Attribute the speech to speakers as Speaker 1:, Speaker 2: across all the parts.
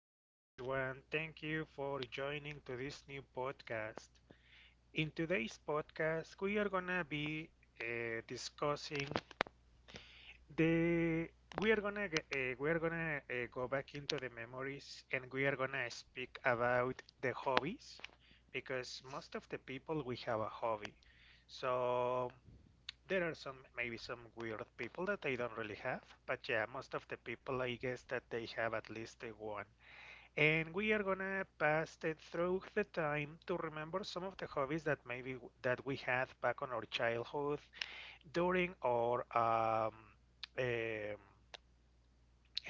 Speaker 1: Hello, everyone. Thank you for joining to this new podcast. In today's podcast, we are gonna be discussing the. We are gonna g- we are gonna go back into the memories, and we are gonna speak about the hobbies, because most of the people we have a hobby. So there are some maybe some weird people that I don't really have, but yeah, most of the people I guess that they have at least one, and we are gonna pass it through the time to remember some of the hobbies that maybe that we had back on our childhood during our um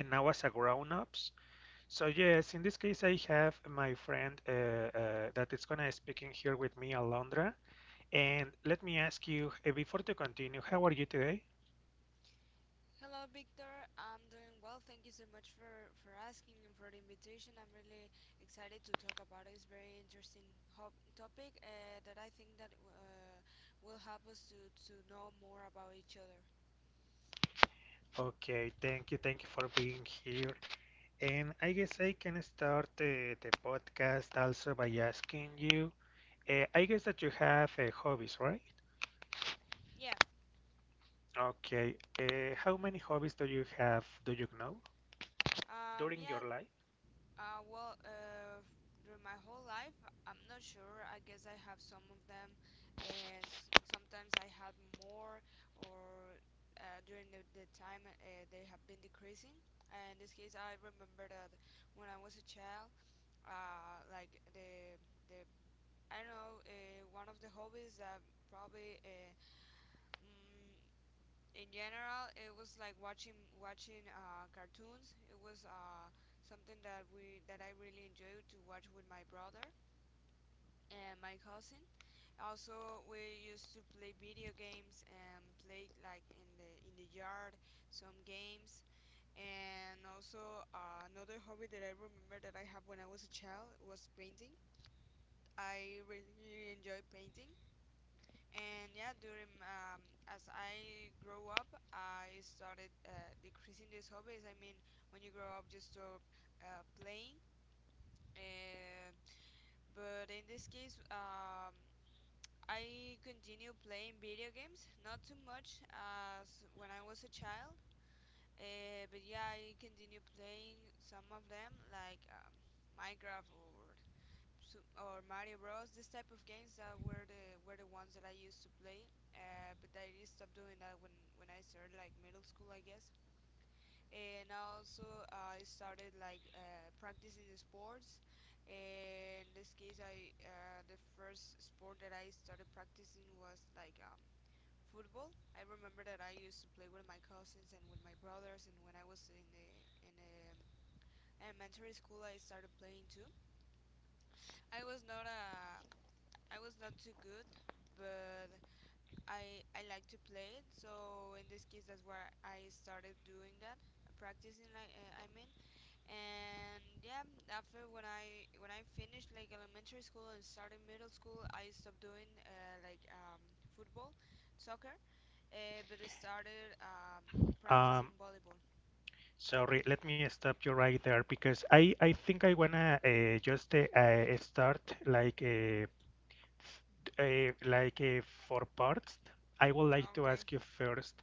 Speaker 1: and now as a grown-ups. So yes, in this case, I have my friend that is gonna speaking here with me, Alondra. And let me ask you before to continue, how are you today?
Speaker 2: Hello, Victor. I'm doing well. Thank you so much for asking and for the invitation. I'm really excited to talk about it. It's very interesting topic that I think that will help us to know more about each other.
Speaker 1: Okay, thank you for being here. And I guess I can start the podcast also by asking you. I guess that you have hobbies, right?
Speaker 2: Yeah.
Speaker 1: Okay. How many hobbies do you have, do you know,
Speaker 2: Um,
Speaker 1: during
Speaker 2: yeah,
Speaker 1: your life?
Speaker 2: Uh, well, uh, Through my whole life, I'm not sure. I guess I have some of them. As sometimes I had more, or during the time, they have been decreasing. And in this case, I remember that when I was a child, like the I don't know, one of the hobbies that probably mm, in general, it was like watching cartoons. It was something that we that I really enjoyed to watch with my brother and my cousin. Also, we used to play video games and play like in the yard some games. And also another hobby that I remember that I have when I was a child was painting. I really enjoy painting. And yeah during as I grow up, I started decreasing these hobbies. I mean, when you grow up, you stop playing. And but in this case, I continue playing video games, not too much as when I was a child. But yeah, I continue playing some of them like, Minecraft or Mario Bros. This type of games that were the ones that I used to play. But I did stop doing that when I started like middle school, I guess. And also I started like practicing the sports. In this case, I the first sport that I started practicing was football. I remember that I used to play with my cousins and with my brothers. And when I was in the elementary school, I started playing too. I was not a I was not too good, but I like to play it. So in this case, that's why I started doing that, practicing. And yeah, after when I finished like elementary school and started middle school, I stopped doing football, soccer, but I started practicing
Speaker 1: Um,
Speaker 2: volleyball.
Speaker 1: Sorry, let me stop you right there because I think I wanna just start like f- uh, like uh, for parts. I would like to
Speaker 2: Okay.
Speaker 1: ask you first,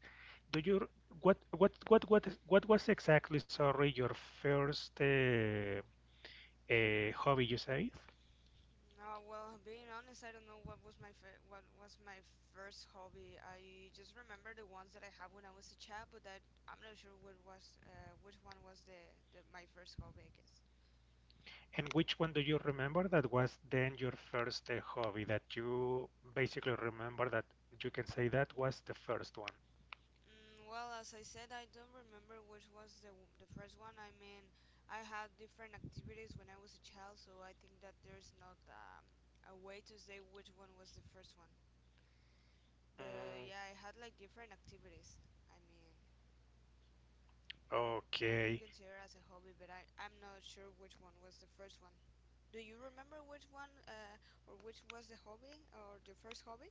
Speaker 1: do you what was exactly, sorry, your first hobby you said?
Speaker 2: No, well, being honest, I don't know what was what was my first hobby. I just remember the ones that I have when I was a child, but I'm not sure what was which one was the my first hobby, I guess.
Speaker 1: And which one do you remember that was then your first hobby that you basically remember that you can say that was the first one?
Speaker 2: Mm, well, as I said, I don't remember which was the first one. I mean, I had different activities when I was a child, so I think that there's not a way to say which one was the first one. But
Speaker 1: Mm,
Speaker 2: yeah, I had like different activities. I mean, that I could
Speaker 1: okay.
Speaker 2: consider as a hobby, but I'm not sure which one was the first one. Do you remember which one, or which was the hobby or the first hobby?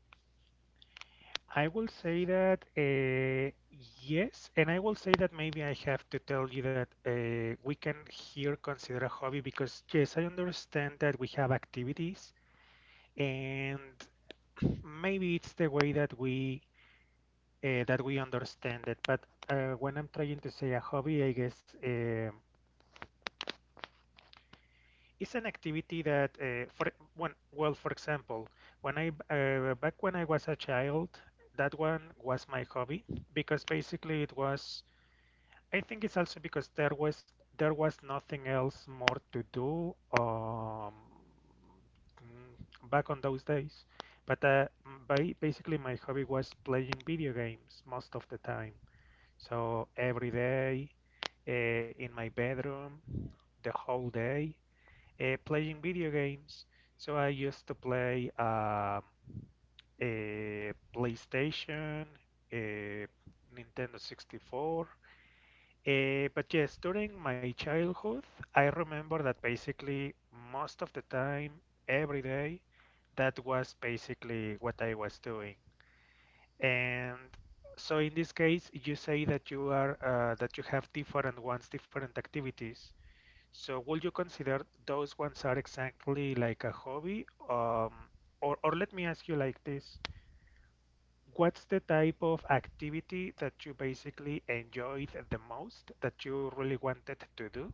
Speaker 1: I will say that yes, and I will say that maybe I have to tell you that we can here consider a hobby because, yes, I understand that we have activities, and maybe it's the way that we understand it. But when I'm trying to say a hobby, I guess it's an activity that for one, well, for example, when I back when I was a child, that one was my hobby because basically it was, I think it's also because there was nothing else more to do, um, back on those days. but uh, Basically my hobby was playing video games most of the time, so every day, in my bedroom the whole day, playing video games. So I used to play a PlayStation, a Nintendo 64. But yes, during my childhood, I remember that basically most of the time, every day, that was basically what I was doing. And so in this case, you say that you are that you have different ones, different activities. So would you consider those ones are exactly like a hobby? Or let me ask you like this. What's the type of activity that you basically enjoyed the most that you really wanted to do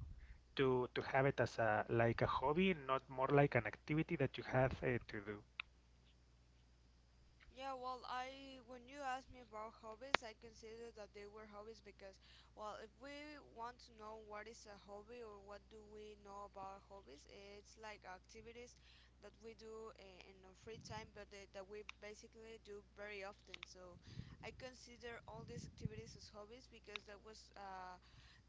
Speaker 1: to have it as a like a hobby, not more like an activity that you have to do?
Speaker 2: Yeah, well, I when you asked me about hobbies, I considered that they were hobbies because, well, if we want to know what is a hobby or what do we know about hobbies, it's like activities that we do in our free time, but that we basically do very often. So, I consider all these activities as hobbies because that was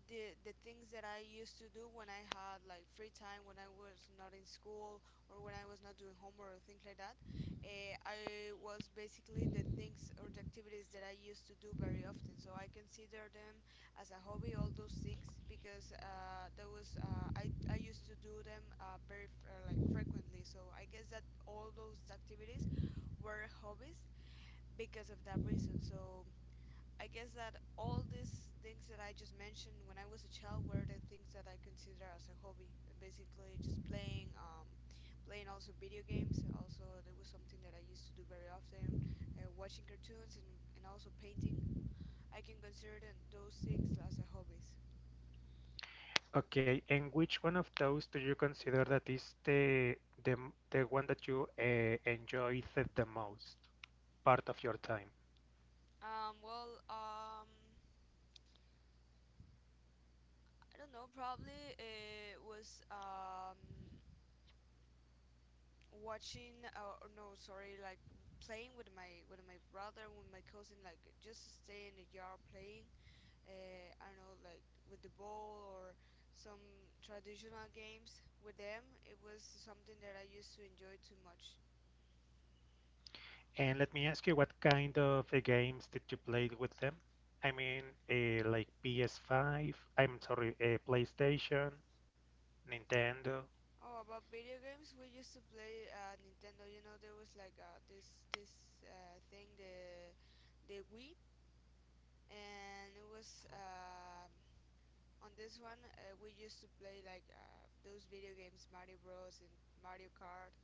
Speaker 2: the things that I used to do when I had like free time, when I was not in school or when I was not doing homework or things like that. I was basically the things or the activities that I used to do very often. So I consider them as a hobby, all those things, because that was I used to do them like frequently. So I guess that all those activities were hobbies because of that reason. So I guess that all these things that I just mentioned when I was a child were the things that I consider as a hobby. Basically, just playing, playing also video games. Also, there was something that I used to do very often, watching cartoons and also painting. I can consider them, those things as a hobbies.
Speaker 1: Okay, and which one of those do you consider that is the, the one that you enjoyed the most part of your time?
Speaker 2: Um, well, um, I don't know. Probably it was watching, or no, sorry, like playing with my brother with my cousin, like just stay in the yard playing, I don't know, like with the ball or some traditional games with them. It was something that I used to enjoy too much.
Speaker 1: And let me ask you, what kind of games did you play with them? I mean, like PS5, I'm sorry, PlayStation, Nintendo,
Speaker 2: Oh, about video games, we used to play Nintendo, you know, there was like this this thing, the Wii. And it was, on this one, we used to play like those video games, Mario Bros and Mario Kart.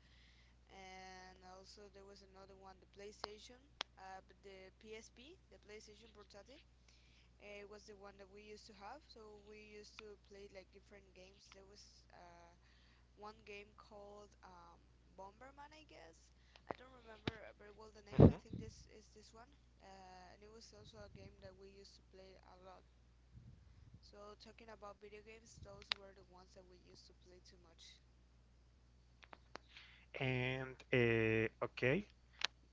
Speaker 2: And also there was another one, the PlayStation, but the PSP, the PlayStation Portátil, was the one that we used to have. So we used to play like different games. There was one game called, Bomberman, I guess. I don't remember very well the name. I
Speaker 1: hmm.
Speaker 2: think this is this one. And it was also a game that we used to play a lot. So talking about video games, those were the ones that we used to play too much.
Speaker 1: And okay,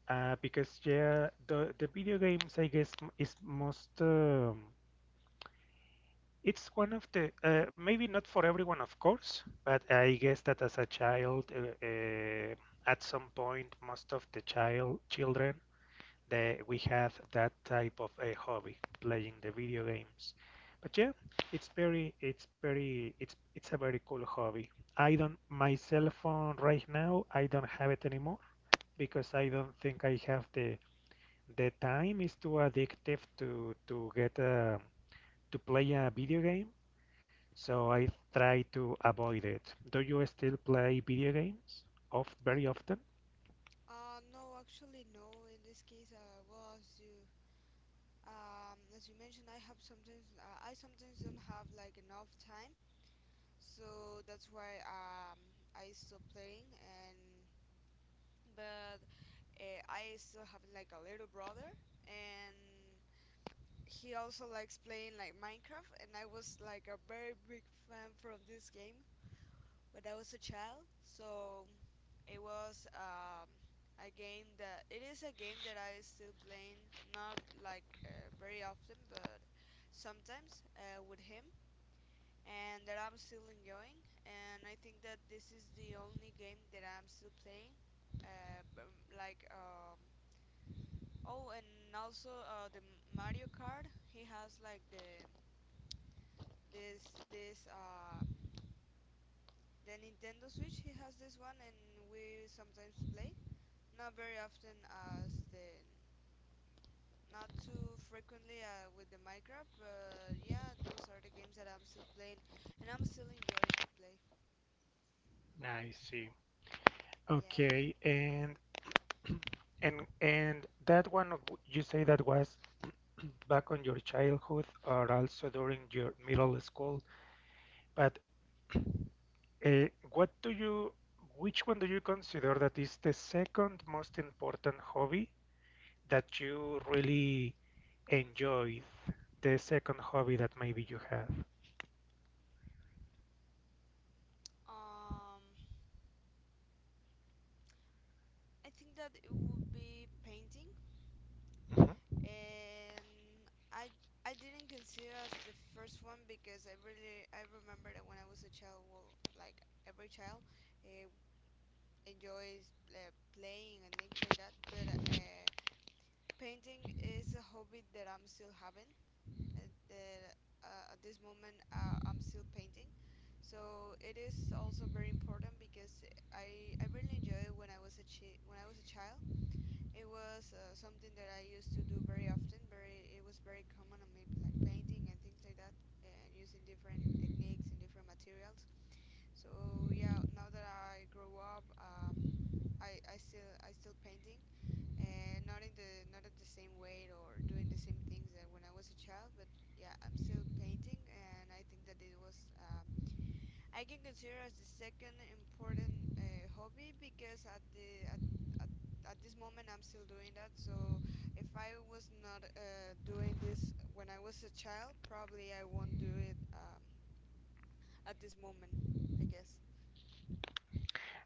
Speaker 1: because yeah, the video games, I guess, is most it's one of the maybe not for everyone, of course, but I guess that as a child, at some point, most of the child children that we have that type of a hobby, playing the video games. But yeah, it's a very cool hobby. I don't, my cell phone right now, I don't have it anymore because I don't think I have the time is too addictive to get a, to play a video game. So I try to avoid it. Do you still play video games? Of very often?
Speaker 2: No, actually, no. In this case, well, as you mentioned, I have sometimes, I sometimes don't have like enough time, so that's why I still playing. And but I still have like a little brother, and he also likes playing like Minecraft, and I was like a very big fan from this game when I was a child. So it was a game that it is a game that I still playing, not like very often, but sometimes with him, and that I'm still enjoying. And I think that this is the only game that I'm still playing. Uh, um, like um, oh, and also the Mario Kart. He has like the this this the Nintendo Switch. He has this one, and we sometimes play. Not very often as the, not too frequently with the Minecraft, but yeah, those are the games that I'm still playing and I'm still enjoying to play.
Speaker 1: I see.
Speaker 2: Yeah.
Speaker 1: Okay, and. And that one you say that was back on your childhood or also during your middle school. But what do you, which one do you consider that is the second most important hobby that you really enjoyed? The second hobby that maybe you have.
Speaker 2: Um I think that it would be painting.
Speaker 1: Mhm.
Speaker 2: And I didn't consider as the first one because I remember that when I was a child, well, like every child uh, enjoys playing and things like that, but painting is a hobby that I'm still having, that at this moment I'm still painting. So it is also very important because I really enjoy it when I was a when I was a child. It was something that I used to do very often. Very It was very common on me like painting and things like that, and using different techniques and different materials. So yeah, now that I grow up, I I still painting, and not in the not at the same way or doing the same things that when I was a child, but yeah, I'm still painting, and I think that it was, I can consider as the second important hobby because at the at at this moment I'm still doing that. So if I was not doing this when I was a child, probably I won't do it at this moment, I guess.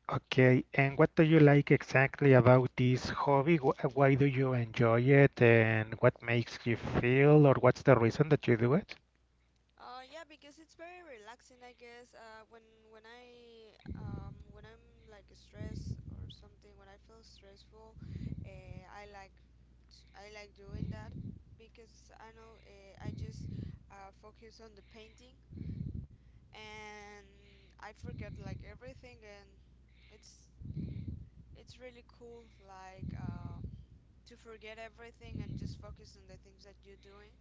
Speaker 1: Okay, and what do you like exactly about this hobby? Why do you enjoy it, and what makes you feel, or what's the reason that you do it?
Speaker 2: Yeah, because it's very relaxing, I guess. When I when I'm like stressed or something, when I feel stressful, I like I like doing that because I know, I just focus on the painting, and I forget like everything, and it's it's really cool like, to forget everything and just focus on the things that you're doing.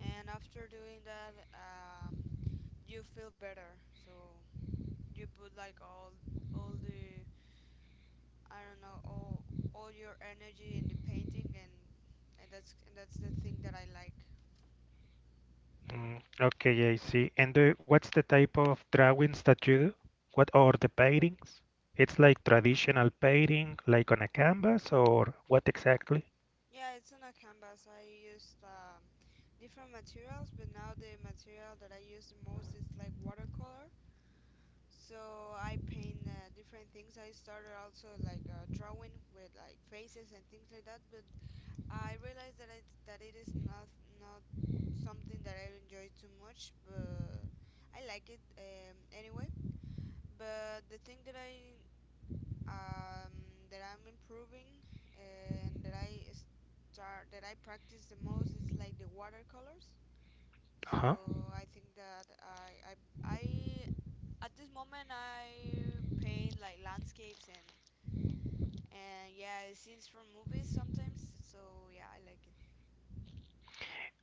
Speaker 2: And after doing that, you feel better. So you put like all the, I don't know, all your energy in the painting, and and that's the thing that I like.
Speaker 1: Mm, okay, I see. And what's the type of drawings that you do? What are the paintings? It's like traditional painting, like on a canvas, or what exactly?
Speaker 2: Yeah, it's on a canvas. I used different materials, but now the material that I use the most is like watercolor. So I paint different things. I started also like drawing with like faces and things like that, but I realize that it is not, not something that I enjoy too much, but I like it anyway. But the thing that I'm improving and that I start that I practice the most is like the watercolors.
Speaker 1: Uh-huh.
Speaker 2: So I think that I at this moment I paint like landscapes and yeah scenes from movies sometimes. So yeah, I like it.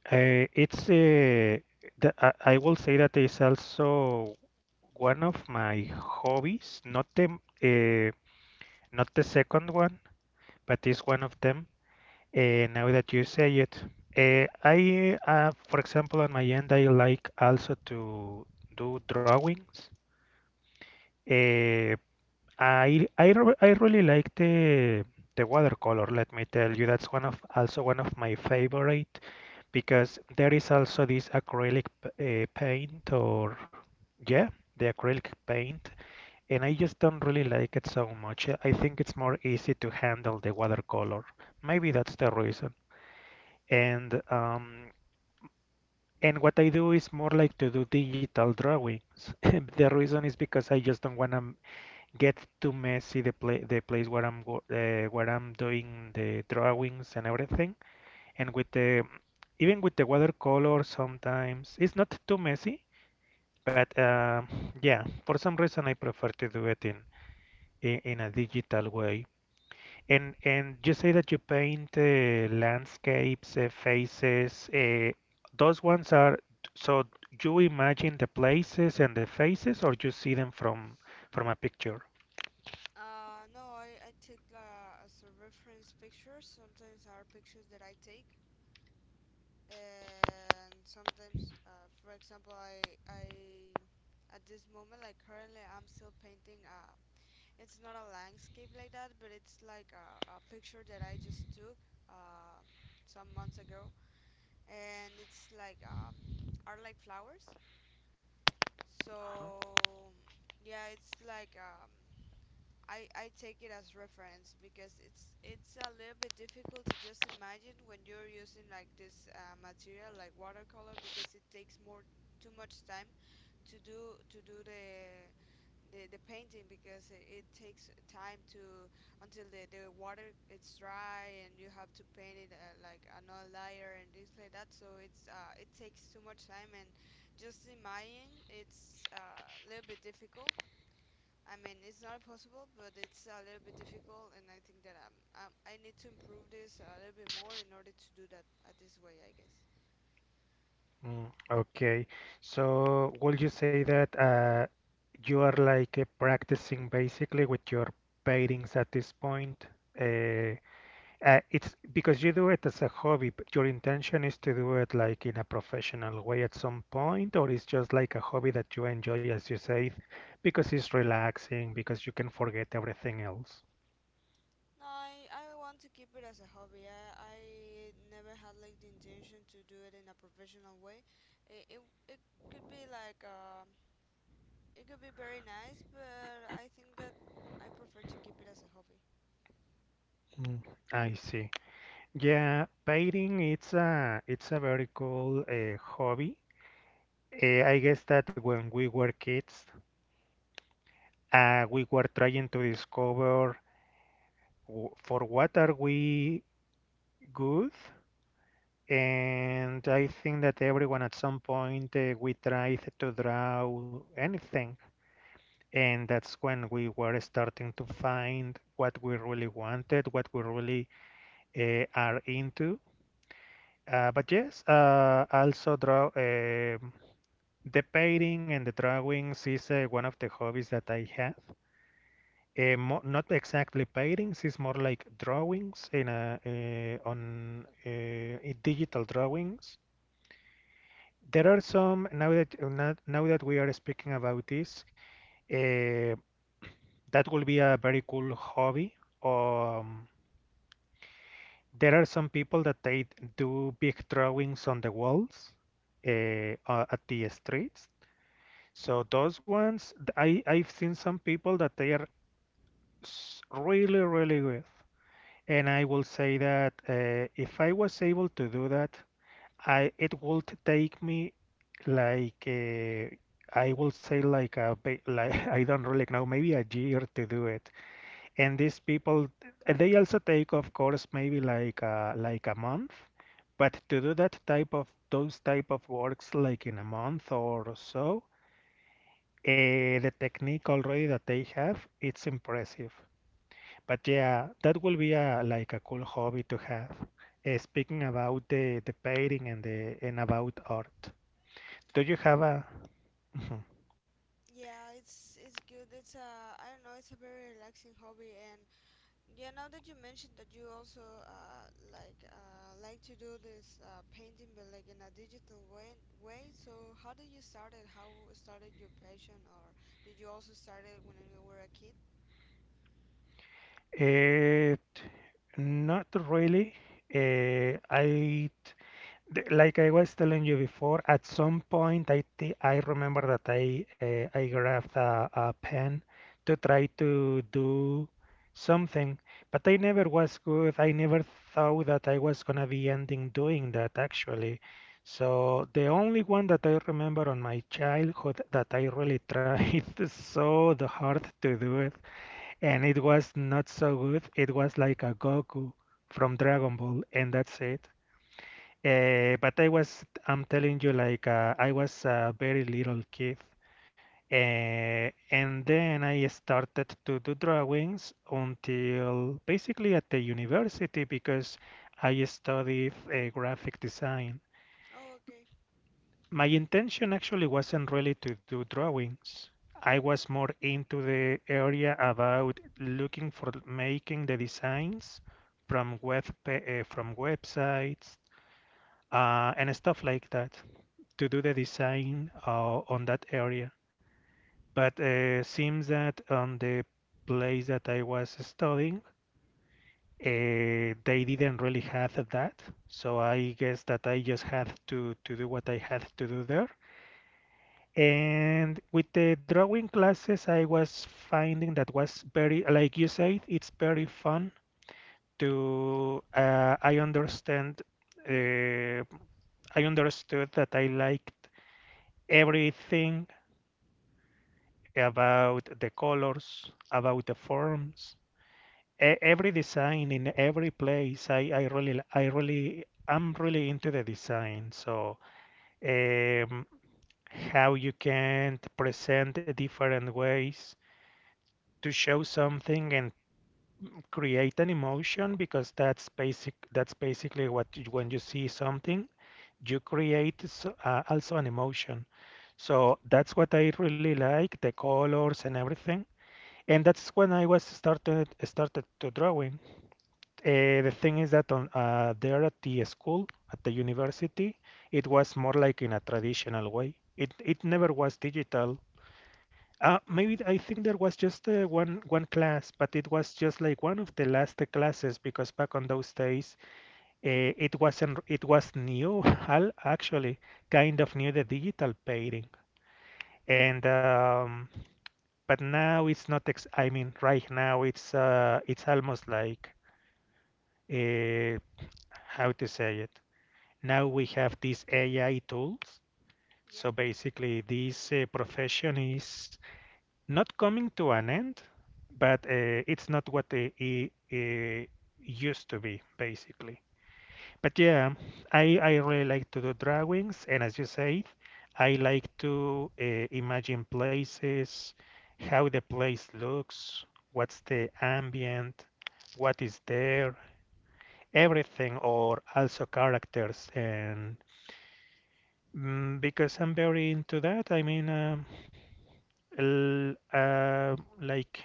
Speaker 1: Uh, it's uh, I will say that is also one of my hobbies, not the uh, not the second one, but is one of them. Now that you say it, I for example, on my end, I like also to do drawings. Eh, I really like the watercolor, let me tell you. That's one of also one of my favorite because there is also this acrylic paint or yeah, the acrylic paint, and I just don't really like it so much. I think it's more easy to handle the watercolor. Maybe that's the reason. And um, and what I do is more like to do digital drawings. The reason is because I just don't want to gets too messy the play the place where I'm where I'm doing the drawings and everything, and with the even with the watercolor sometimes it's not too messy, but yeah, for some reason I prefer to do it in in a digital way. And you say that you paint landscapes, faces, those ones are, so you imagine the places and the faces or you see them from a picture?
Speaker 2: No, I take as a reference pictures. Sometimes are pictures that I take, and sometimes, for example, I at this moment, like currently, I'm still painting. It's not a landscape like that, but it's like a picture that I just took some months ago, and it's like are like flowers.
Speaker 1: Uh-huh.
Speaker 2: So yeah, it's like I take it as reference because it's a little bit difficult to just imagine when you're using like this material like watercolor because it takes more too much time to do the the painting because it takes time to until the water it's dry, and you have to paint it like another layer and things like that, so it's it takes too much time. And just in my end, it's a little bit difficult. I mean, it's not impossible, but it's a little bit difficult, and I think that I need to improve this a little bit more in order to do that at this way, I guess.
Speaker 1: Okay, so would you say that you are like practicing basically with your paintings at this point? Uh, it's because you do it as a hobby, but your intention is to do it like in a professional way at some point, or it's just like a hobby that you enjoy, as you say, because it's relaxing, because you can forget everything else.
Speaker 2: No, I want to keep it as a hobby. I never had like the intention to do it in a professional way. It, it, it could be like it could be very nice, but I think that I prefer to keep it as a hobby.
Speaker 1: Mm. I see. Yeah, painting it's a very cool hobby. I guess that when we were kids, we were trying to discover for what are we good, and I think that everyone at some point we tried to draw anything, and that's when we were starting to find what we really wanted, what we really are into. But yes, also draw. The painting and the drawings is one of the hobbies that I have. Mo Not exactly paintings, it's more like drawings in a, digital drawings. There are some now that now, that we are speaking about this, uh, that will be a very cool hobby. Um, there are some people that they do big drawings on the walls uh, at the streets. So those ones, I I've seen some people that they are really really good. And I will say that if I was able to do that, I it would take me like I will say like a like I don't really know, maybe a year to do it. And these people they also take of course maybe like a month, but to do that type of those type of works like in a month or so, the technique already that they have, it's impressive. But yeah, that will be a like a cool hobby to have. Speaking about the painting and the and about art, do you have a? Mhm.
Speaker 2: Yeah, it's good. It's a I don't know. It's a very relaxing hobby. And yeah, now that you mentioned that you also like to do this painting, but like in a digital way. So how did you start it? How started your passion, or did you also start it when you were a kid?
Speaker 1: It not really. Uh, I like I was telling you before, at some point I remember that I grabbed a pen to try to do something, but I never was good. I never thought that I was gonna be ending doing that actually. So the only one that I remember on my childhood that I really tried so the hard to do it, and it was not so good. It was like a Goku from Dragon Ball, and that's it. I'm telling you, like I was a very little kid, and then I started to do drawings until basically at the university because I studied graphic design.
Speaker 2: Oh, okay,
Speaker 1: My intention actually wasn't really to do drawings. I was more into the area about looking for making the designs from from websites and stuff like that to do the design on that area. But seems that on the place that I was studying, they didn't really have that. So I guess that I just had to do what I had to do there. And with the drawing classes, I was finding that was very, like you said, it's very fun to, uh, I understood that I liked everything about the colors, about the forms, every design in every place. I'm really into the design. So, um, how you can present different ways to show something and create an emotion because that's basic. That's basically when you see something, you create also an emotion. So that's what I really like, the colors and everything. And that's when I was started started to drawing. The thing is that on there at the school at the university, it was more like in a traditional way. It never was digital.
Speaker 2: okay,
Speaker 1: Maybe I think there was just one class, but it was just like one of the last classes because back on those days, it wasn't it was new actually kind of new the digital painting and. But now it's not ex I mean right now it's almost like uh how to say it. Now we have these AI tools.
Speaker 2: yeah,
Speaker 1: So basically this profession is not coming to an end, but it's not what it used to be basically. But yeah, I really like to do drawings, and as you say, I like to imagine places, how the place looks, what's the ambient, what is there, everything, or also characters. And because I'm very into that, I mean, l- uh, like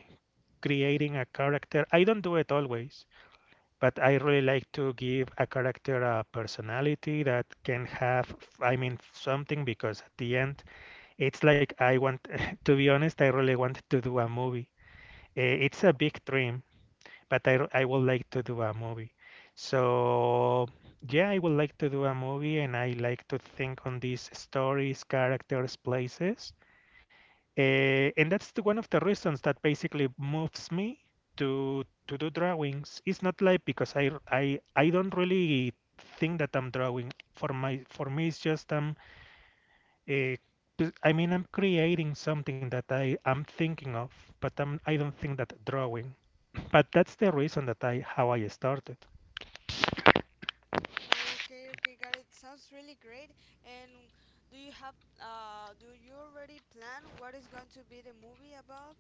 Speaker 1: creating a character. I don't do it always, but I really like to give a character a personality that can have, I mean, something because at the end, it's like I want, to be honest, I really want to do a movie. It's a
Speaker 2: okay.
Speaker 1: big dream, but I would like to do a movie. So, yeah, I would like to do a movie and I like to think on these stories, characters, places. And that's one of the reasons that basically moves me to do drawings. It's not like because I don't really think that I'm drawing. For me, it's just uh, I mean I'm creating something that I am thinking of, but I don't think that drawing. But that's the reason that I how I started.
Speaker 2: Oh, okay, okay, got it. Sounds really great. And do you have do you already plan what is going to be the movie about,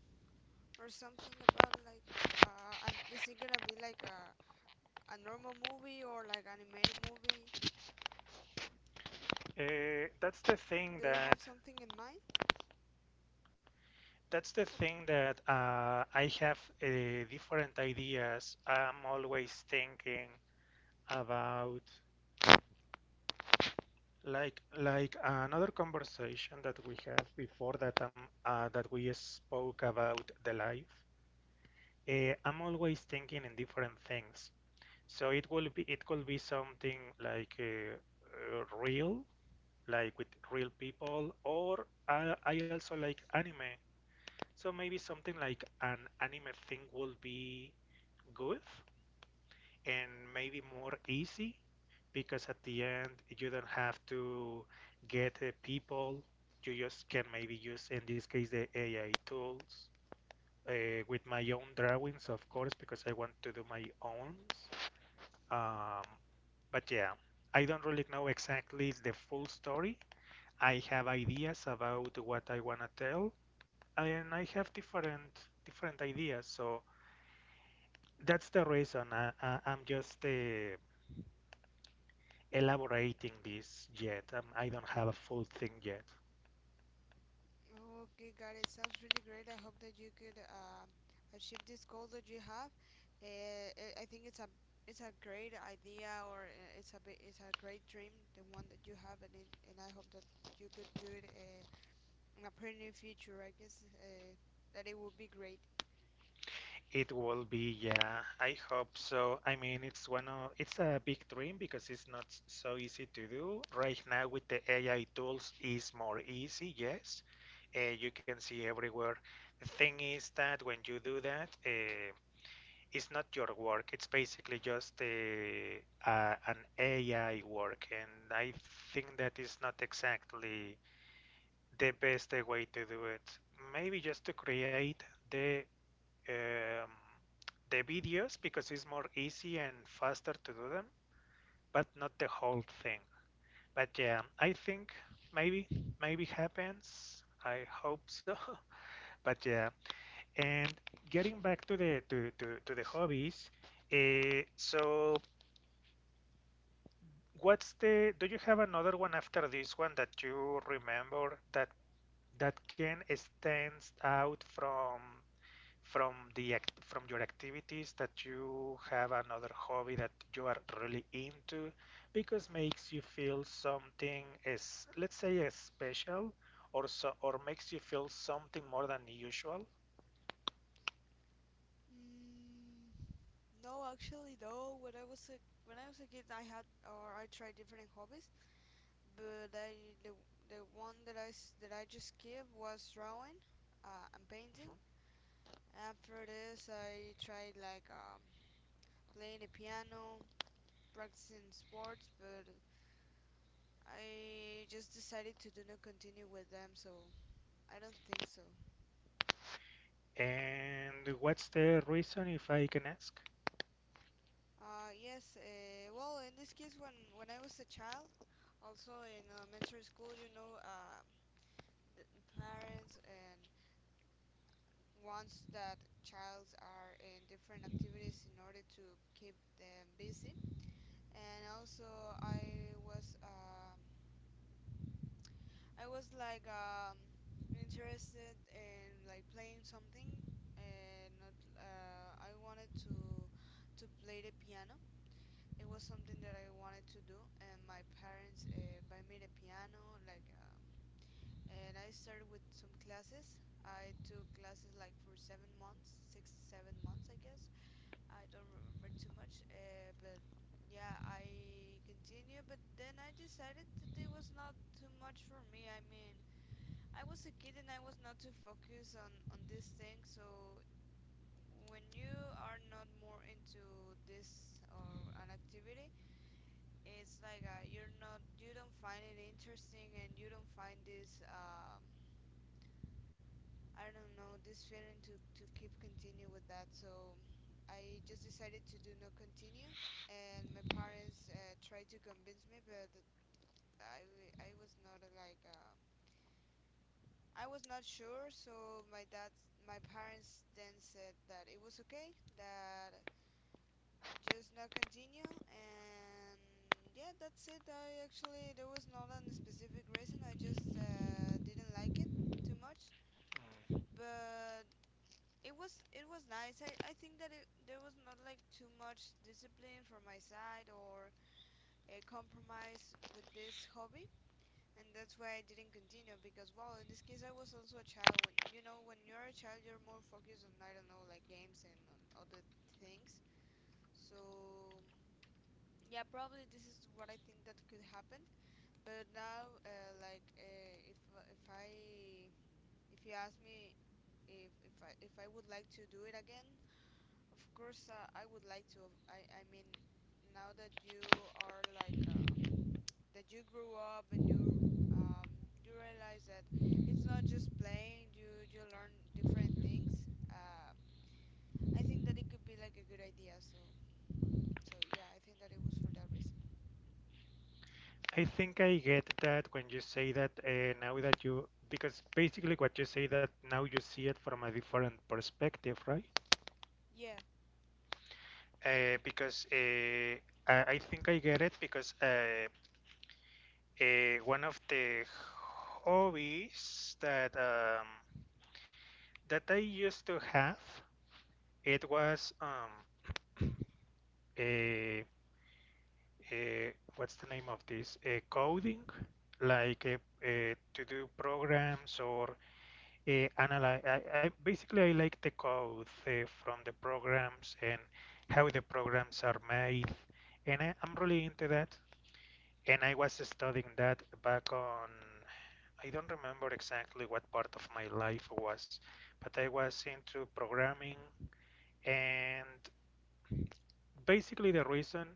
Speaker 2: or something about like and is it gonna be like a normal movie or like animated movie?
Speaker 1: That's the thing
Speaker 2: Do you
Speaker 1: that
Speaker 2: have something in mind?
Speaker 1: that's the thing that I have different ideas. I'm always thinking about like another conversation that we had before that we spoke about the life. I'm always thinking in different things. So it could be something like real, like with real people, or I also like anime. So maybe something like an anime thing will be good. And maybe more easy because at the end you don't have to get people. You just can maybe use, in this case, the AI tools uh, with my own drawings, of course, because I want to do my own. Um, but yeah, I don't really know exactly the full story. I have ideas about what I wanna tell, and I have different ideas. So that's the reason I'm just elaborating this yet. I don't have a full thing yet.
Speaker 2: Okay, got it. Sounds really great. I hope that you could achieve this goal that you have. I think it's a great idea or it's a it's a great dream, the one that you have, and it, and I hope that you could do it in a pretty near future. I guess that it would be great.
Speaker 1: It will be, yeah. I hope so. I mean, it's one of it's a big dream because it's not so easy to do right now. With the AI tools, is more easy. Yes, you can see everywhere. The thing is that when you do that, it's not your work. It's basically just an AI work, and I think that is not exactly the best way to do it. Maybe just to create the um, the videos because it's more easy and faster to do them, but not the whole thing. But yeah, I think maybe maybe happens. I hope so. But yeah, and getting back to to the hobbies. So what's the do you have another one after this one that you remember that can stands out from from your activities that you have another hobby that you are really into because makes you feel something is, let's say, is special or so, or makes you feel something more than usual.
Speaker 2: Mm, no, actually, though, when I was a when I was a kid, I had or I tried different hobbies. But I the one that I that I just gave was drawing and painting. After this, I tried like playing the piano, practicing sports, but I just decided to do not continue with them, so I don't think so.
Speaker 1: Mhm. And what's the reason, if I can ask?
Speaker 2: Yes, well, in this case, when I was a child, also in elementary school, you know, the parents and wants that childs are in different activities in order to keep them busy. And also, I was like interested in like playing something, and not, I wanted to play the piano. It was something that I wanted to do, and my parents buy me the piano. And I started with some classes. I took classes like for 7 months, 6 7 months, I guess. I don't remember too much, but yeah, I continued. But then I decided that it was not too much for me. I mean, I was a kid and I was not too focused on this thing. So when you are not more into this or an activity, it's like you're not you don't find it interesting, and you don't find this I don't know, this feeling to keep continue with that, so I just decided to do not continue. And my parents tried to convince me, but I was not like I was not sure. So my dad, my parents then said that it was okay, that just not continue. And yeah, that's it. I actually there was not a specific reason. I just didn't like it too much.
Speaker 1: Mm.
Speaker 2: But it was nice. I think that it, there was not like too much discipline from my side or a compromise with this hobby, and that's why I didn't continue because, well, in this case, I was also a child. When you know when you're a child, you're more focused on I don't know like games and on other things. So yeah, probably this is what I think that could happen. But now, like if I if you ask me if I would like to do it again, of course, I would like to. I mean, now that you are like that, you grew up and you um, you realize that it's not just playing. You learn different things. I think that it could be like a good idea. So so yeah, I think that it was for that reason.
Speaker 1: I think I get that when you say that now that you, because basically what you say, that now you see it from a different perspective, right?
Speaker 2: Yeah,
Speaker 1: Because I think I get it because one of the hobbies that that I used to have, it was a, a what's the name of this? A coding, like to do programs or analyze. I basically I like the code from the programs and how the programs are made, and I'm really into that. And I was studying that back on. I don't remember exactly what part of my life was, but I was into programming, and basically the reason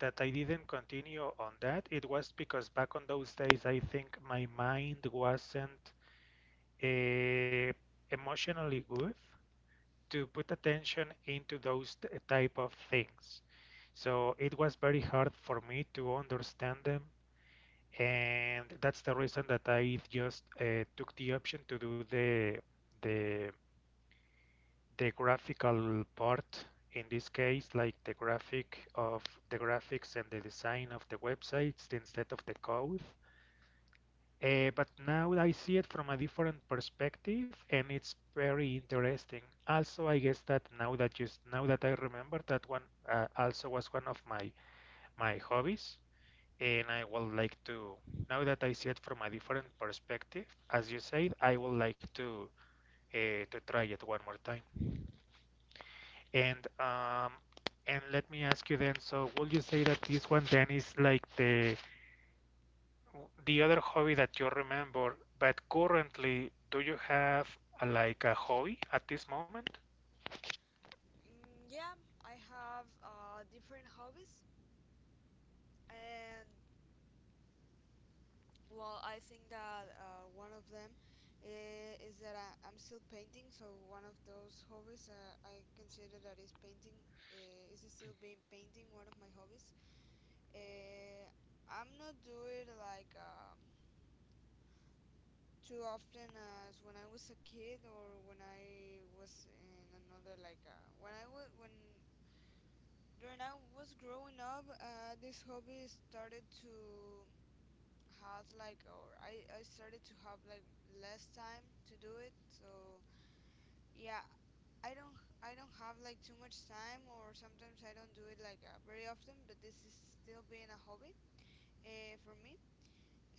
Speaker 1: that I didn't continue on that it was because back on those days I think my mind wasn't uh, emotionally good to put attention into those type of things. So it was very hard for me to understand them, and that's the reason that I just took the option to do the the graphical part in this case, like the graphics and the design of the websites instead of the code. But now I see it from a different perspective, and it's very interesting. Also, I guess that now that just now that I remember that one, also was one of my hobbies, and I would like to. Now that I see it from a different perspective, as you said, I would like to try it one more time. And um, and let me ask you then. So, would you say that this one then is like the other hobby that you remember, but currently, do you have a, like a hobby at this moment?
Speaker 2: mm, yeah. I have different hobbies, and well, I think that one of them is that I'm still painting. So one of those hobbies I consider that is painting. Is still being painting one of my hobbies. Uh, I'm not doing like too often as when I was a kid or when I was in another like when I was growing up. This hobby started to had like or I started to have like less time to do it, so yeah, I don't have like too much time or sometimes I don't do it like very often, but this is still being a hobby for me.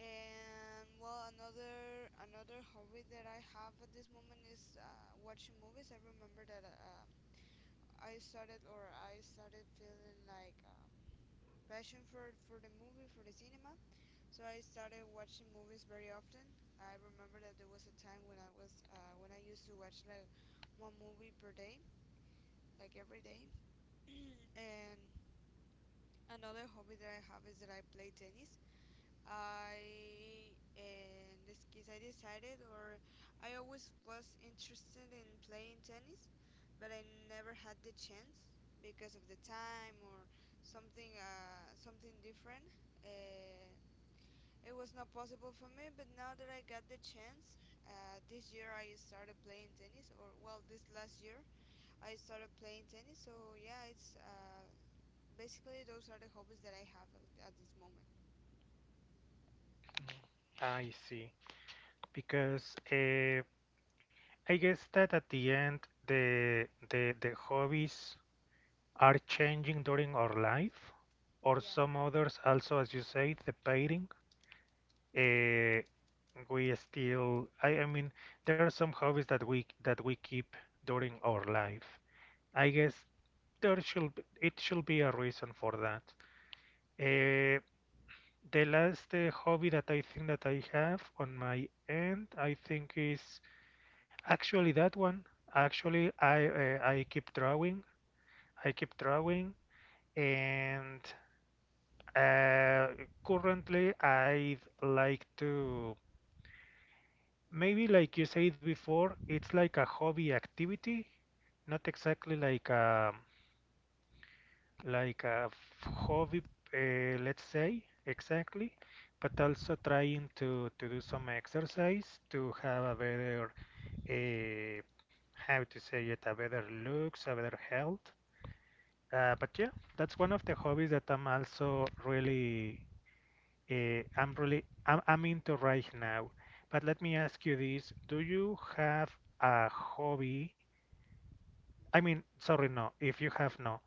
Speaker 2: And well, another another hobby that I have at this moment is watching movies. I remember that I started or I started feeling like passion for the movie for the cinema. So I started watching movies very often. I remember that there was a time when I was when I used to watch like one movie per day, like every day. And another hobby that I have is that I play tennis. I in this case I decided or I always was interested in playing tennis, but I never had the chance because of the time or something something different. Uh, It was not possible for me, but now that I got the chance this year I started playing tennis, or well, this last year I started playing tennis. So yeah, it's basically those are the hobbies that I have at this moment.
Speaker 1: I see. Because I guess that at the end, the hobbies are changing during our life, or
Speaker 2: Yeah.
Speaker 1: some others also, as you say, the painting. Uh, we still, I mean, there are some hobbies that we keep during our life. I guess it should be a reason for that. Uh, the last hobby that I think that I have on my end, I think is actually that one. Actually, I keep drawing. I keep drawing, and uh, currently I like to maybe, like you said before, it's like a hobby activity, not exactly like a hobby, let's say, exactly, but also trying to do some exercise to have a better, uh, how to say it, a better looks, a better health. But yeah, that's one of the hobbies that I'm also really, I'm into right now. But let me ask you this: Do you have a hobby? I mean, sorry, no. If you have no,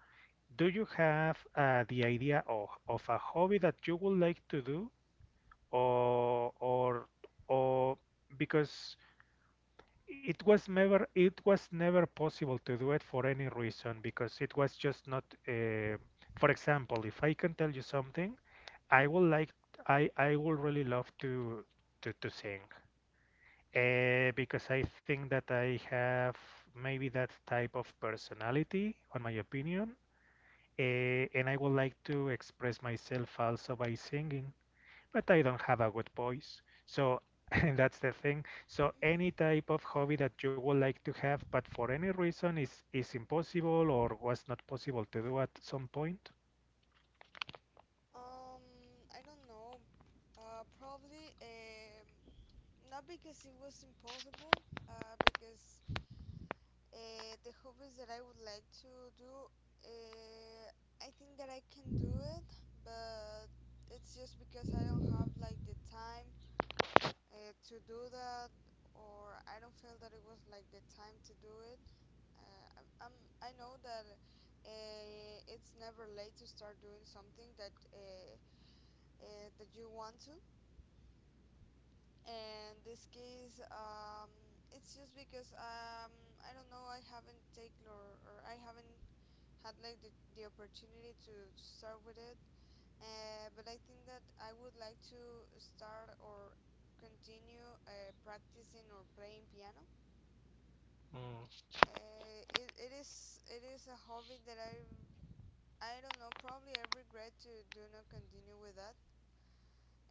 Speaker 1: do you have the idea of a hobby that you would like to do, or or or because it was never possible to do it for any reason because it was just not. For example, if I can tell you something, I would like I would really love to sing, because I think that I have maybe that type of personality, on my opinion, and I would like to express myself also by singing, but I don't have a good voice. So and that's the thing. So any type of hobby that you would like to have, but for any reason is impossible or was not possible to do at some point.
Speaker 2: um, I don't know. Probably not because it was impossible, because the hobbies that I would like to do, uh, I think that I can do it, but it's just because I don't have like the time to do that, or I don't feel that it was like the time to do it. I know that it's never late to start doing something that that you want to. And this case, it's just because I don't know, I haven't taken or I haven't had like the opportunity to start with it. But I think that I would like to start or continue practicing or playing piano.
Speaker 1: Mm.
Speaker 2: It is a hobby that I don't know, probably I regret to do not continue with that.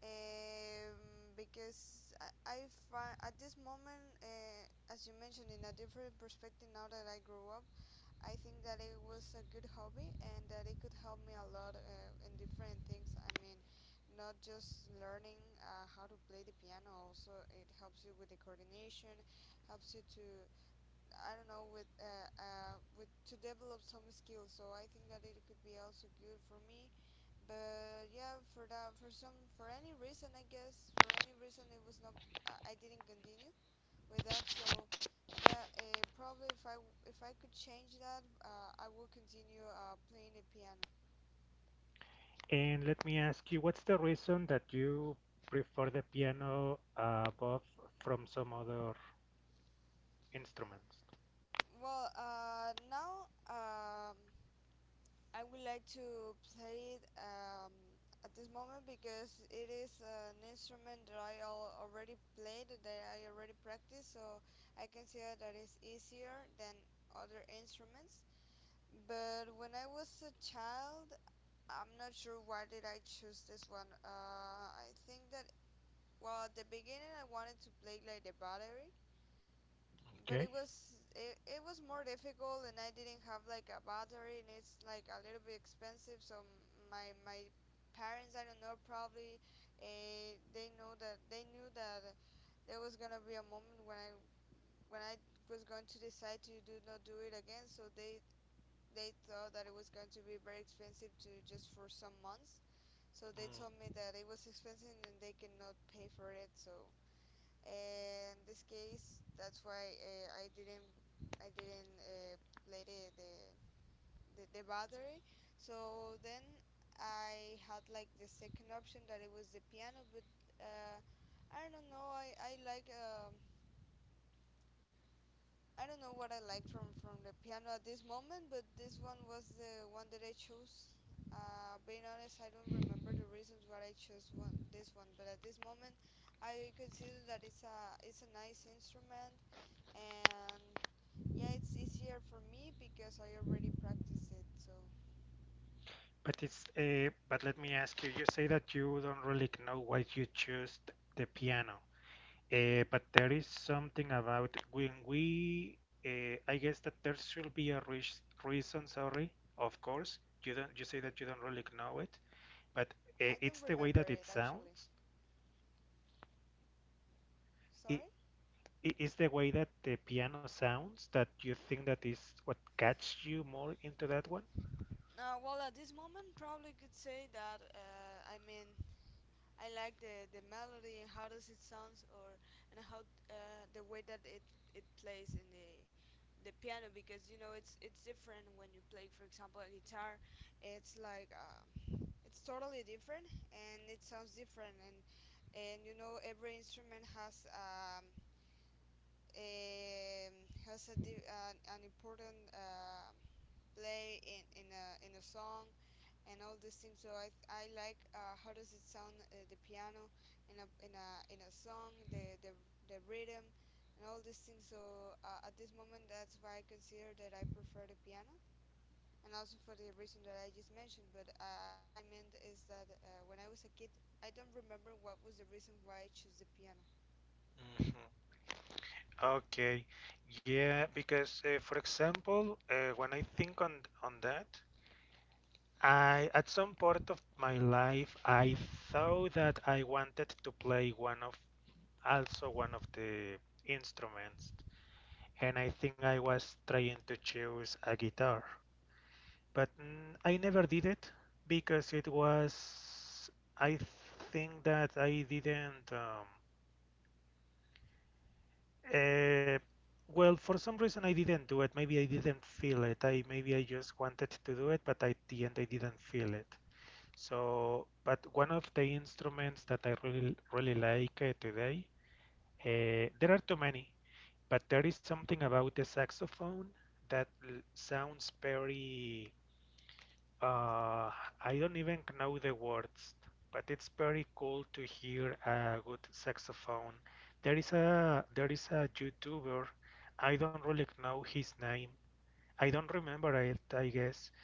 Speaker 2: Because I find at this moment as you mentioned in a different perspective, now that I grew up, I think that it was a good hobby and that it could help me a lot in different things. I mean, not just learning how to play the piano, also it helps you with the coordination, helps you to, I don't know, with to develop some skills. So I think that it could be also good for me. But yeah, for that, for some, for any reason, I guess, for any reason, it was not. I didn't continue with that. So yeah, probably if I could change that, I would continue playing the piano.
Speaker 1: And let me ask you, what's the reason that you prefer the piano above from some other instruments?
Speaker 2: Well, now I would like to play it at this moment because it is an instrument that I already played, that I already practiced, so I consider that it's easier than other instruments. But when I was a child, I'm not sure why did I choose this one. I think that well, at the beginning, I wanted to play like the battery, but
Speaker 1: Okay.
Speaker 2: it was more difficult, and I didn't have like a battery, and it's like a little bit expensive. So my parents, I don't know, probably they knew that there was gonna be a moment when I was going to decide to do not do it again. So they thought that it was going to be very expensive to just for some months. So they told
Speaker 1: Mm.
Speaker 2: me that it was expensive and they cannot pay for it. So in this case that's why I didn't play the the battery. So then I had like the second option that it was the piano, but uh, I don't know, I like I don't know what I like from the piano at this moment, but this one was the one that I chose. Being honest, I don't remember the reasons why I chose one this one, but at this moment, I consider that it's a nice instrument, and yeah, it's easier for me because I already practiced it. So
Speaker 1: But it's but let me ask you. You say that you don't really know why you choose the piano, but there is something about when we. I guess that there should be a re reason. Sorry, of course. You don't. You say that you don't really know it, but
Speaker 2: I don't
Speaker 1: it's the way
Speaker 2: remember
Speaker 1: that it
Speaker 2: it actually.
Speaker 1: sounds. It,
Speaker 2: Sorry.
Speaker 1: it is the way that the piano sounds that you think that is what catches you more into that one.
Speaker 2: Well, at this moment, probably could say that I mean, I like the melody and how does it sounds, or and how the way that it plays in the piano, because you know it's different when you play for example a guitar. It's like it's totally different and it sounds different. And you know every instrument has a an important play in a song and all these things. So I like how does it sound the piano in a song, the rhythm and all these things. So at this moment, that's why I consider that I prefer the piano, and also for the reason that I just mentioned. But what I meant is that when I was a kid, I don't remember what was the reason why I chose the piano.
Speaker 1: Mhm. Okay, yeah, because for example, when I think on that, I at some part of my life I thought that I wanted to play one of also one of the instruments, and I think I was trying to choose a guitar, but I never did it because it was I think that I didn't Uh, for some reason I didn't do it. Maybe I didn't feel it. I maybe I just wanted to do it, but at the end I didn't feel it. So, but one of the instruments that I really really like today, there are too many, but there is something about the saxophone that sounds very uh, I don't even know the words, but it's very cool to hear a good saxophone. There is a YouTuber. I don't really know his name. I don't remember it, I guess.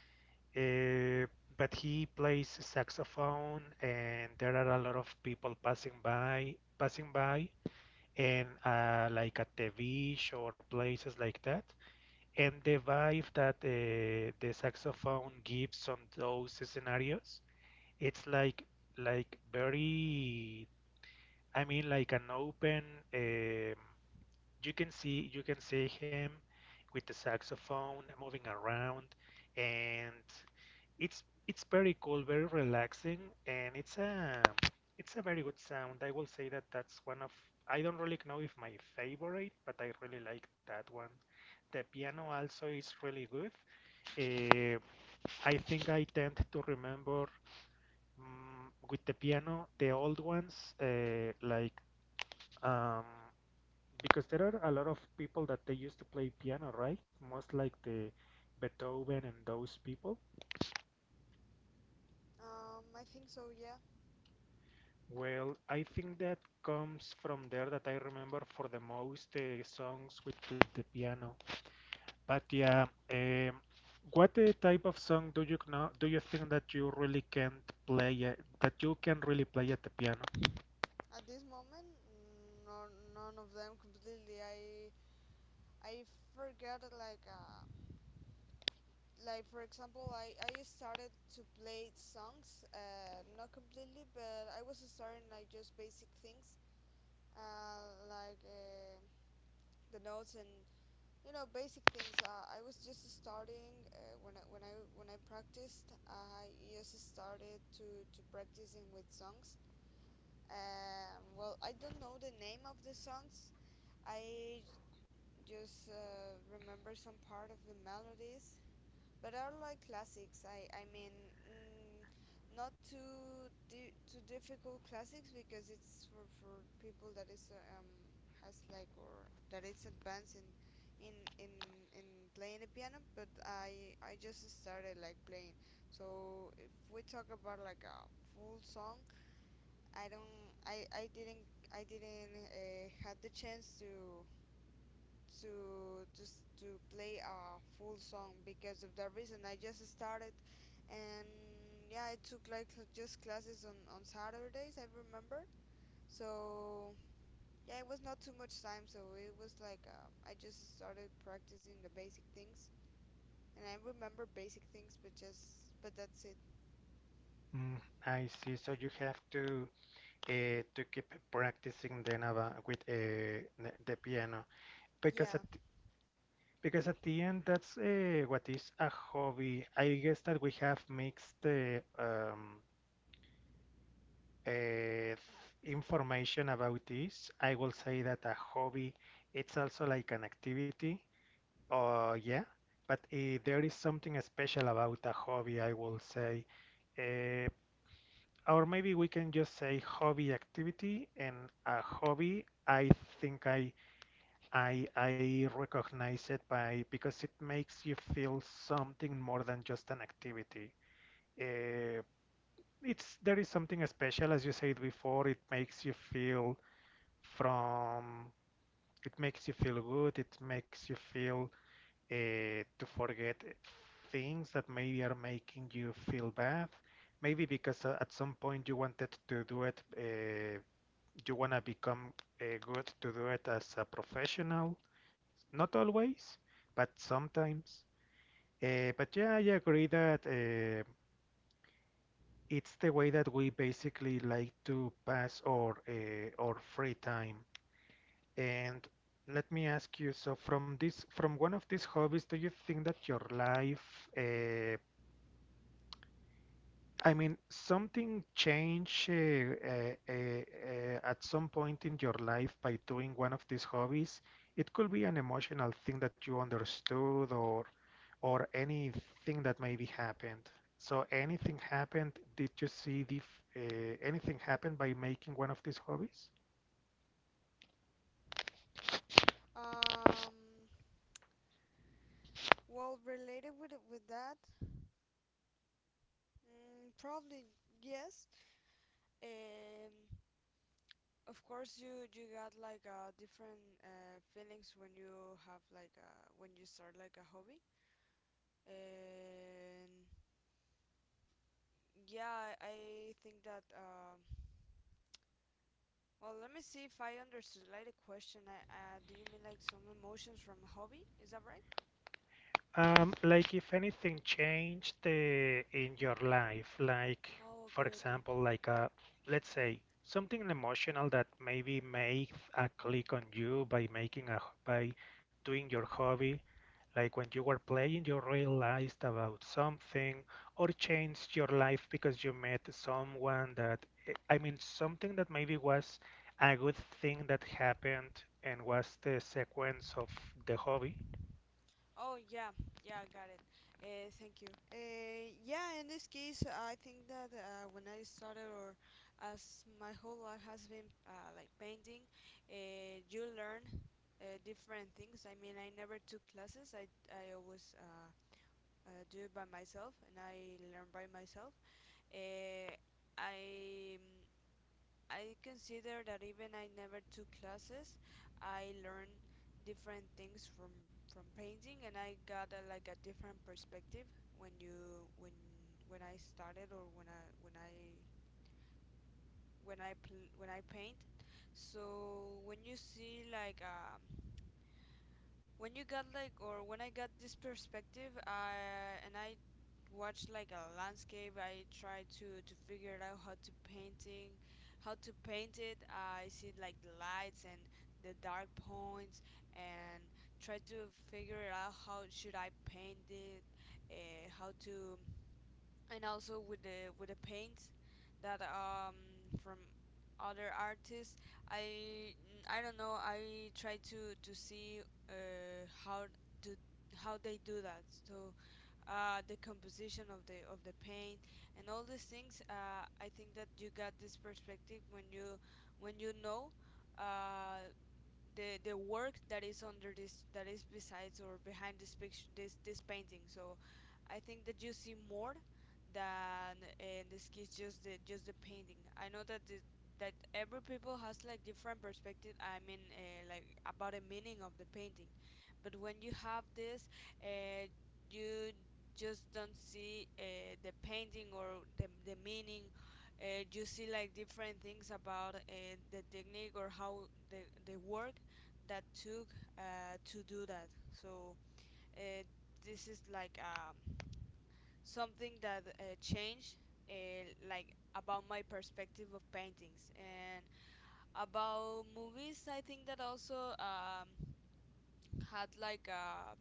Speaker 1: Uh, but he plays saxophone, and there are a lot of people passing by, passing by, and like at the beach or places like that, and the vibe that the saxophone gives on those scenarios, it's like very, I mean, like an open um, you can see him with the saxophone moving around, and it's it's very cool, very relaxing, and it's a very good sound. I will say that that's one of, I don't really know if my favorite, but I really like that one. The piano also is really good. uh, I think I tend to remember with the piano the old ones, um, because there are a lot of people that they used to play piano, right? Most like the Beethoven and those people.
Speaker 2: I think so. Yeah.
Speaker 1: Well, I think that comes from there that I remember for the most songs with the piano. But yeah, um, what type of song do you know? Do you think that you really can't play that you can really play at the piano?
Speaker 2: At this moment, mm, no, none of them completely. I forgot like for example I started to play songs not completely, but I was starting like just basic things, uh, like uh, the notes and you know basic things. I was just starting when I practiced. I just started to practicing with songs. Well, I don't know the name of the songs. I just remember some part of the melodies, but I like classics. I mean, mm, not too difficult classics, because it's for people that is has like, or that is advanced in in in playing the piano. But I just started like playing. So if we talk about like a full song, I didn't I didn't had the chance to just to play a full song because of that reason. I just started, and yeah, I took like just classes on Saturdays, I remember. So yeah, it was not too much time. So it was like I just started practicing the basic things, and I remember basic things, but just but that's it.
Speaker 1: Mm, I see. So you have to keep practicing then about with the piano because
Speaker 2: Yeah,
Speaker 1: at, because at the end, that's what is a hobby. I guess that we have mixed uh, th- information about this. I will say that a hobby, it's also like an activity. Yeah, but there is something special about a hobby, I will say. Uh, or maybe we can just say hobby activity and a hobby. I think I recognize it by because it makes you feel something more than just an activity. Uh, it's there is something special, as you said before. It makes you feel from, it makes you feel good. It makes you feel to forget things that maybe are making you feel bad. Maybe because at some point you wanted to do it, you wanna become good to do it as a professional, not always, but sometimes. But yeah, I agree that it's the way that we basically like to pass our free time. And let me ask you, so from this, from one of these hobbies, do you think that your life I mean, something change at some point in your life by doing one of these hobbies. It could be an emotional thing that you understood or anything that maybe happened. So anything happened, did you see the, anything happen by making one of these hobbies?
Speaker 2: um well, related with that, mm, probably yes. um Of course, you got like different feelings when you have like when you start like a hobby. And yeah, I think that well, let me see if I understood like the question. Do you mean like some emotions from a hobby? Is that right?
Speaker 1: Like if anything changed in your life, like
Speaker 2: Oh,
Speaker 1: for
Speaker 2: okay, okay.
Speaker 1: example, like let's say something emotional that maybe made a click on you by making a by doing your hobby, like when you were playing, you realized about something or changed your life because you met someone that eh, I mean something that maybe was a good thing that happened and was the sequence of the hobby.
Speaker 2: Oh yeah, yeah, I got it. Thank you. Yeah, in this case, I think that when I started, or as my whole life has been like painting, you learn different things. I mean, I never took classes. I always do it by myself, and I learn by myself. Uh, I I consider that even I never took classes, I learned different things from painting, and I got a, like a different perspective when you when I started, or when I paint. So when you see like when you got like or when I got this perspective, and I watched like a landscape. I tried to figure it out how to painting, how to paint it. I see like the lights and the dark points, and try to figure it out how should I paint it, how to and also with the paints that from other artists. I i don't know, I try to see uh how do how they do that. So the composition of the paint and all these things. I think that you got this perspective when you know uh the work that is under this, that is besides or behind this picture, this painting. So I think that you see more than in this case just the painting. I know that the that every people has like different perspective, I mean like about the meaning of the painting. But when you have this, uh, you just don't see the painting or the meaning. You see like different things about the technique or how the work that took to do that. So uh, this is like something that changed like about my perspective of paintings. And about movies, I think that also had like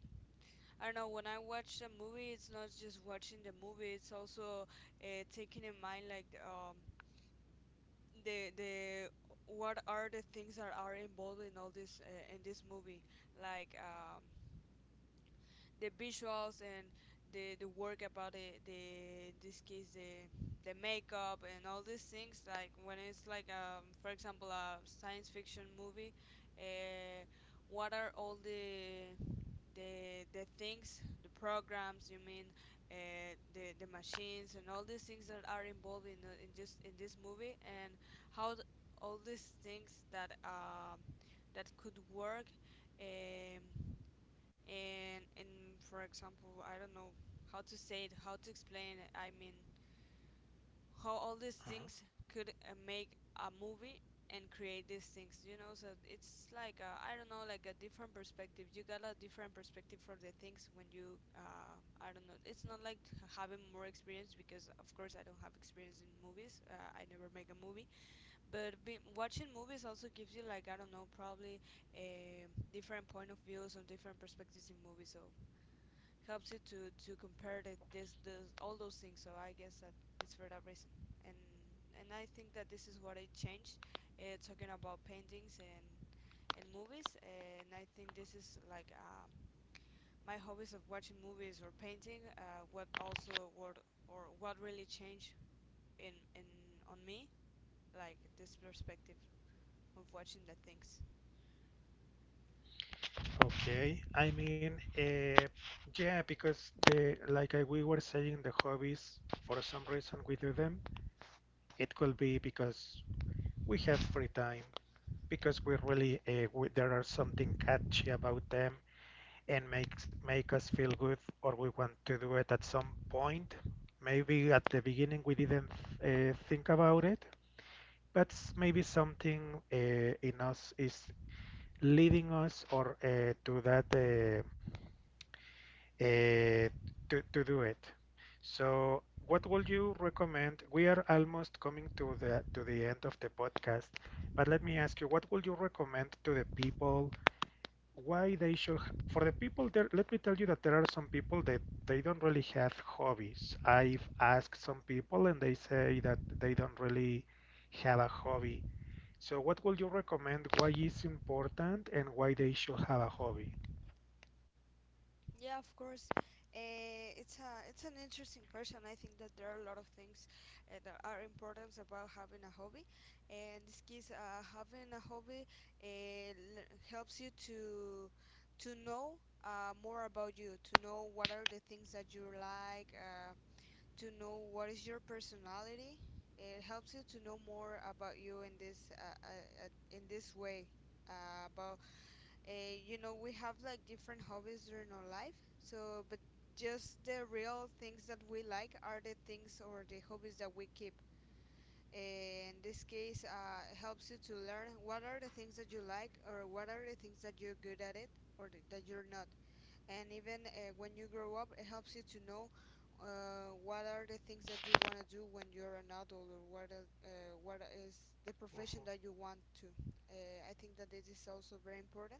Speaker 2: I don't know. When I watch a movie, it's not just watching the movie. It's also taking in mind like the what are the things that are involved in all this in this movie, like The visuals and the work about it, the in this case the makeup and all these things, like when it's like for example a science fiction movie. uh, what are all the things, the programs you mean, the machines and all these things that are involved in in just in this movie, and how all these things that that could work. Um, and For example, I don't know how to say it, how to explain it, I mean how all these things could make a movie and create these things, you know. So it's like a, I don't know, like a different perspective. You got a different perspective from the things when you I don't know, it's not like having more experience, because of course I don't have experience in movies. I never make a movie, but being, watching movies also gives you like, I don't know, probably a different point of views on different perspectives in movies. So helps you to compare the all those things. So I guess that it's for that reason. And and I think that this is what I changed, talking about paintings and movies. And I think this is like my hobbies of watching movies or painting. What also what or what really changed in on me, like this perspective of watching the things.
Speaker 1: Okay, I mean, yeah, because the like I, we were saying, the hobbies for some reason we do them. It could be because we have free time, because we really we, there are something catchy about them and makes make us feel good, or we want to do it at some point. Maybe at the beginning we didn't think about it, but maybe something in us is leading us or to that. Uh, to do it. So, what would you recommend? We are almost coming to the end of the podcast, but let me ask you, what would you recommend to the people? Why they should for the people there? Let me tell you that there are some people that they don't really have hobbies. I've asked some people, and they say that they don't really have a hobby. So, what would you recommend? Why is important and why they should have a hobby?
Speaker 2: Yeah, of course. It's an interesting question. I think that there are a lot of things that are important about having a hobby. And this case, having a hobby helps you to know more about you, to know what are the things that you like, to know what is your personality. It helps you to know more about you in this way about uh, you know we have like different hobbies during our life. So but just the real things that we like are the things or the hobbies that we keep. Eh, in this case helps you to learn what are the things that you like or what are the things that you're good at it, or that you're not. And even when you grow up, it helps you to know what are the things that you want to do when you're an adult, or what is the profession
Speaker 1: Mhm,
Speaker 2: that you want to I think that this is also very important.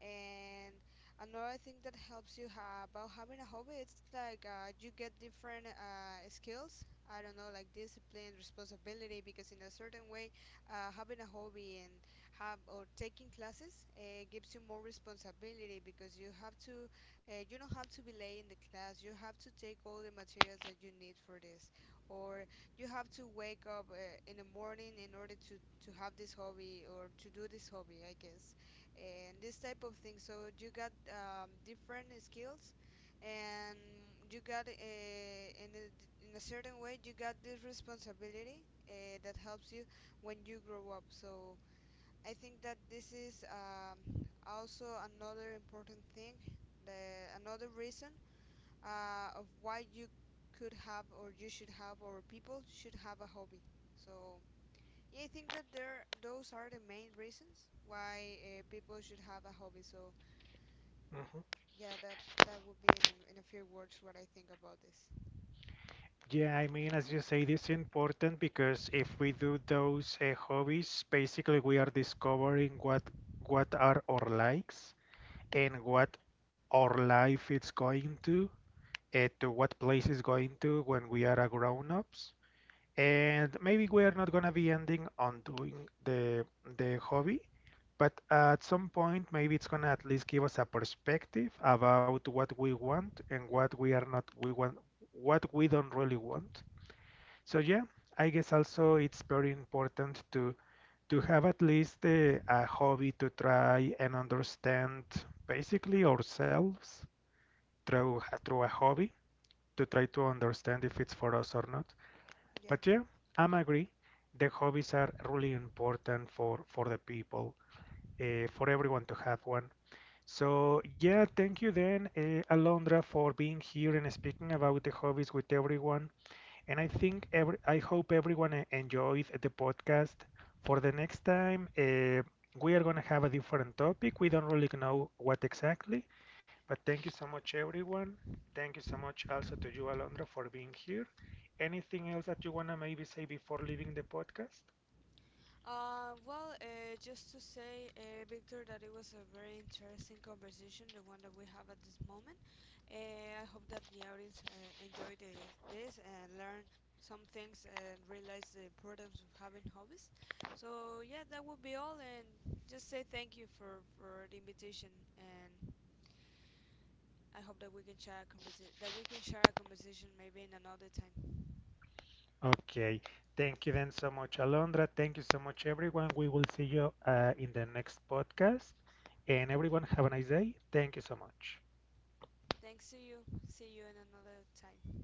Speaker 2: And another thing that helps you about having a hobby, it's like you get different skills, I don't know, like discipline, responsibility, because in a certain way, having a hobby and have or taking classes gives you more responsibility, because you have to you don't have to be late in the class, you have to take all the materials that you need for this, or you have to wake up in the morning in order to have this hobby or to do this hobby, I guess. And this type of thing. So you got different skills, and you got in a certain way, you got this responsibility that helps you when you grow up. So I think that this is also another important thing, another reason of why you could have, or you should have, or people should have a hobby. So yeah, I think that there those are the main reasons why people should have a hobby. So
Speaker 1: mhm.
Speaker 2: yeah, that would be in a few words what I think about this.
Speaker 1: Yeah, I mean, as you say, it's important because if we do those hobbies, basically we are discovering what are our likes and what our life is going to what place is going to when we are a grown-ups. And maybe we are not gonna be ending on doing the hobby, but at some point, maybe it's gonna at least give us a perspective about what we want and what we are not we want, what we don't really want. So yeah, I guess also it's very important to have at least a hobby to try and understand basically ourselves through a hobby to try to understand if it's for us or not.
Speaker 2: Yeah.
Speaker 1: But yeah, I'm agree. The hobbies are really important for the people, for everyone to have one. So yeah, thank you then, Alondra, for being here and speaking about the hobbies with everyone. And I think every, I hope everyone enjoys the podcast. For the next time, we are going to have a different topic. We don't really know what exactly, but thank you so much, everyone. Thank you so much also to you, Alondra, for being here. Anything else that you want to maybe say before leaving the podcast?
Speaker 2: Just to say, Victor, that it was a very interesting conversation, the one that we have at this moment. I hope that the audience enjoyed this and learned some things and realized the importance of having hobbies. So yeah, that would be all, and just say thank you for the invitation, and I hope that we can share a conversation maybe in another time.
Speaker 1: Okay. Thank you then so much, Alondra. Thank you so much, everyone. We will see you in the next podcast. And everyone, have a nice day. Thank you so much.
Speaker 2: Thanks to you. See you in another time.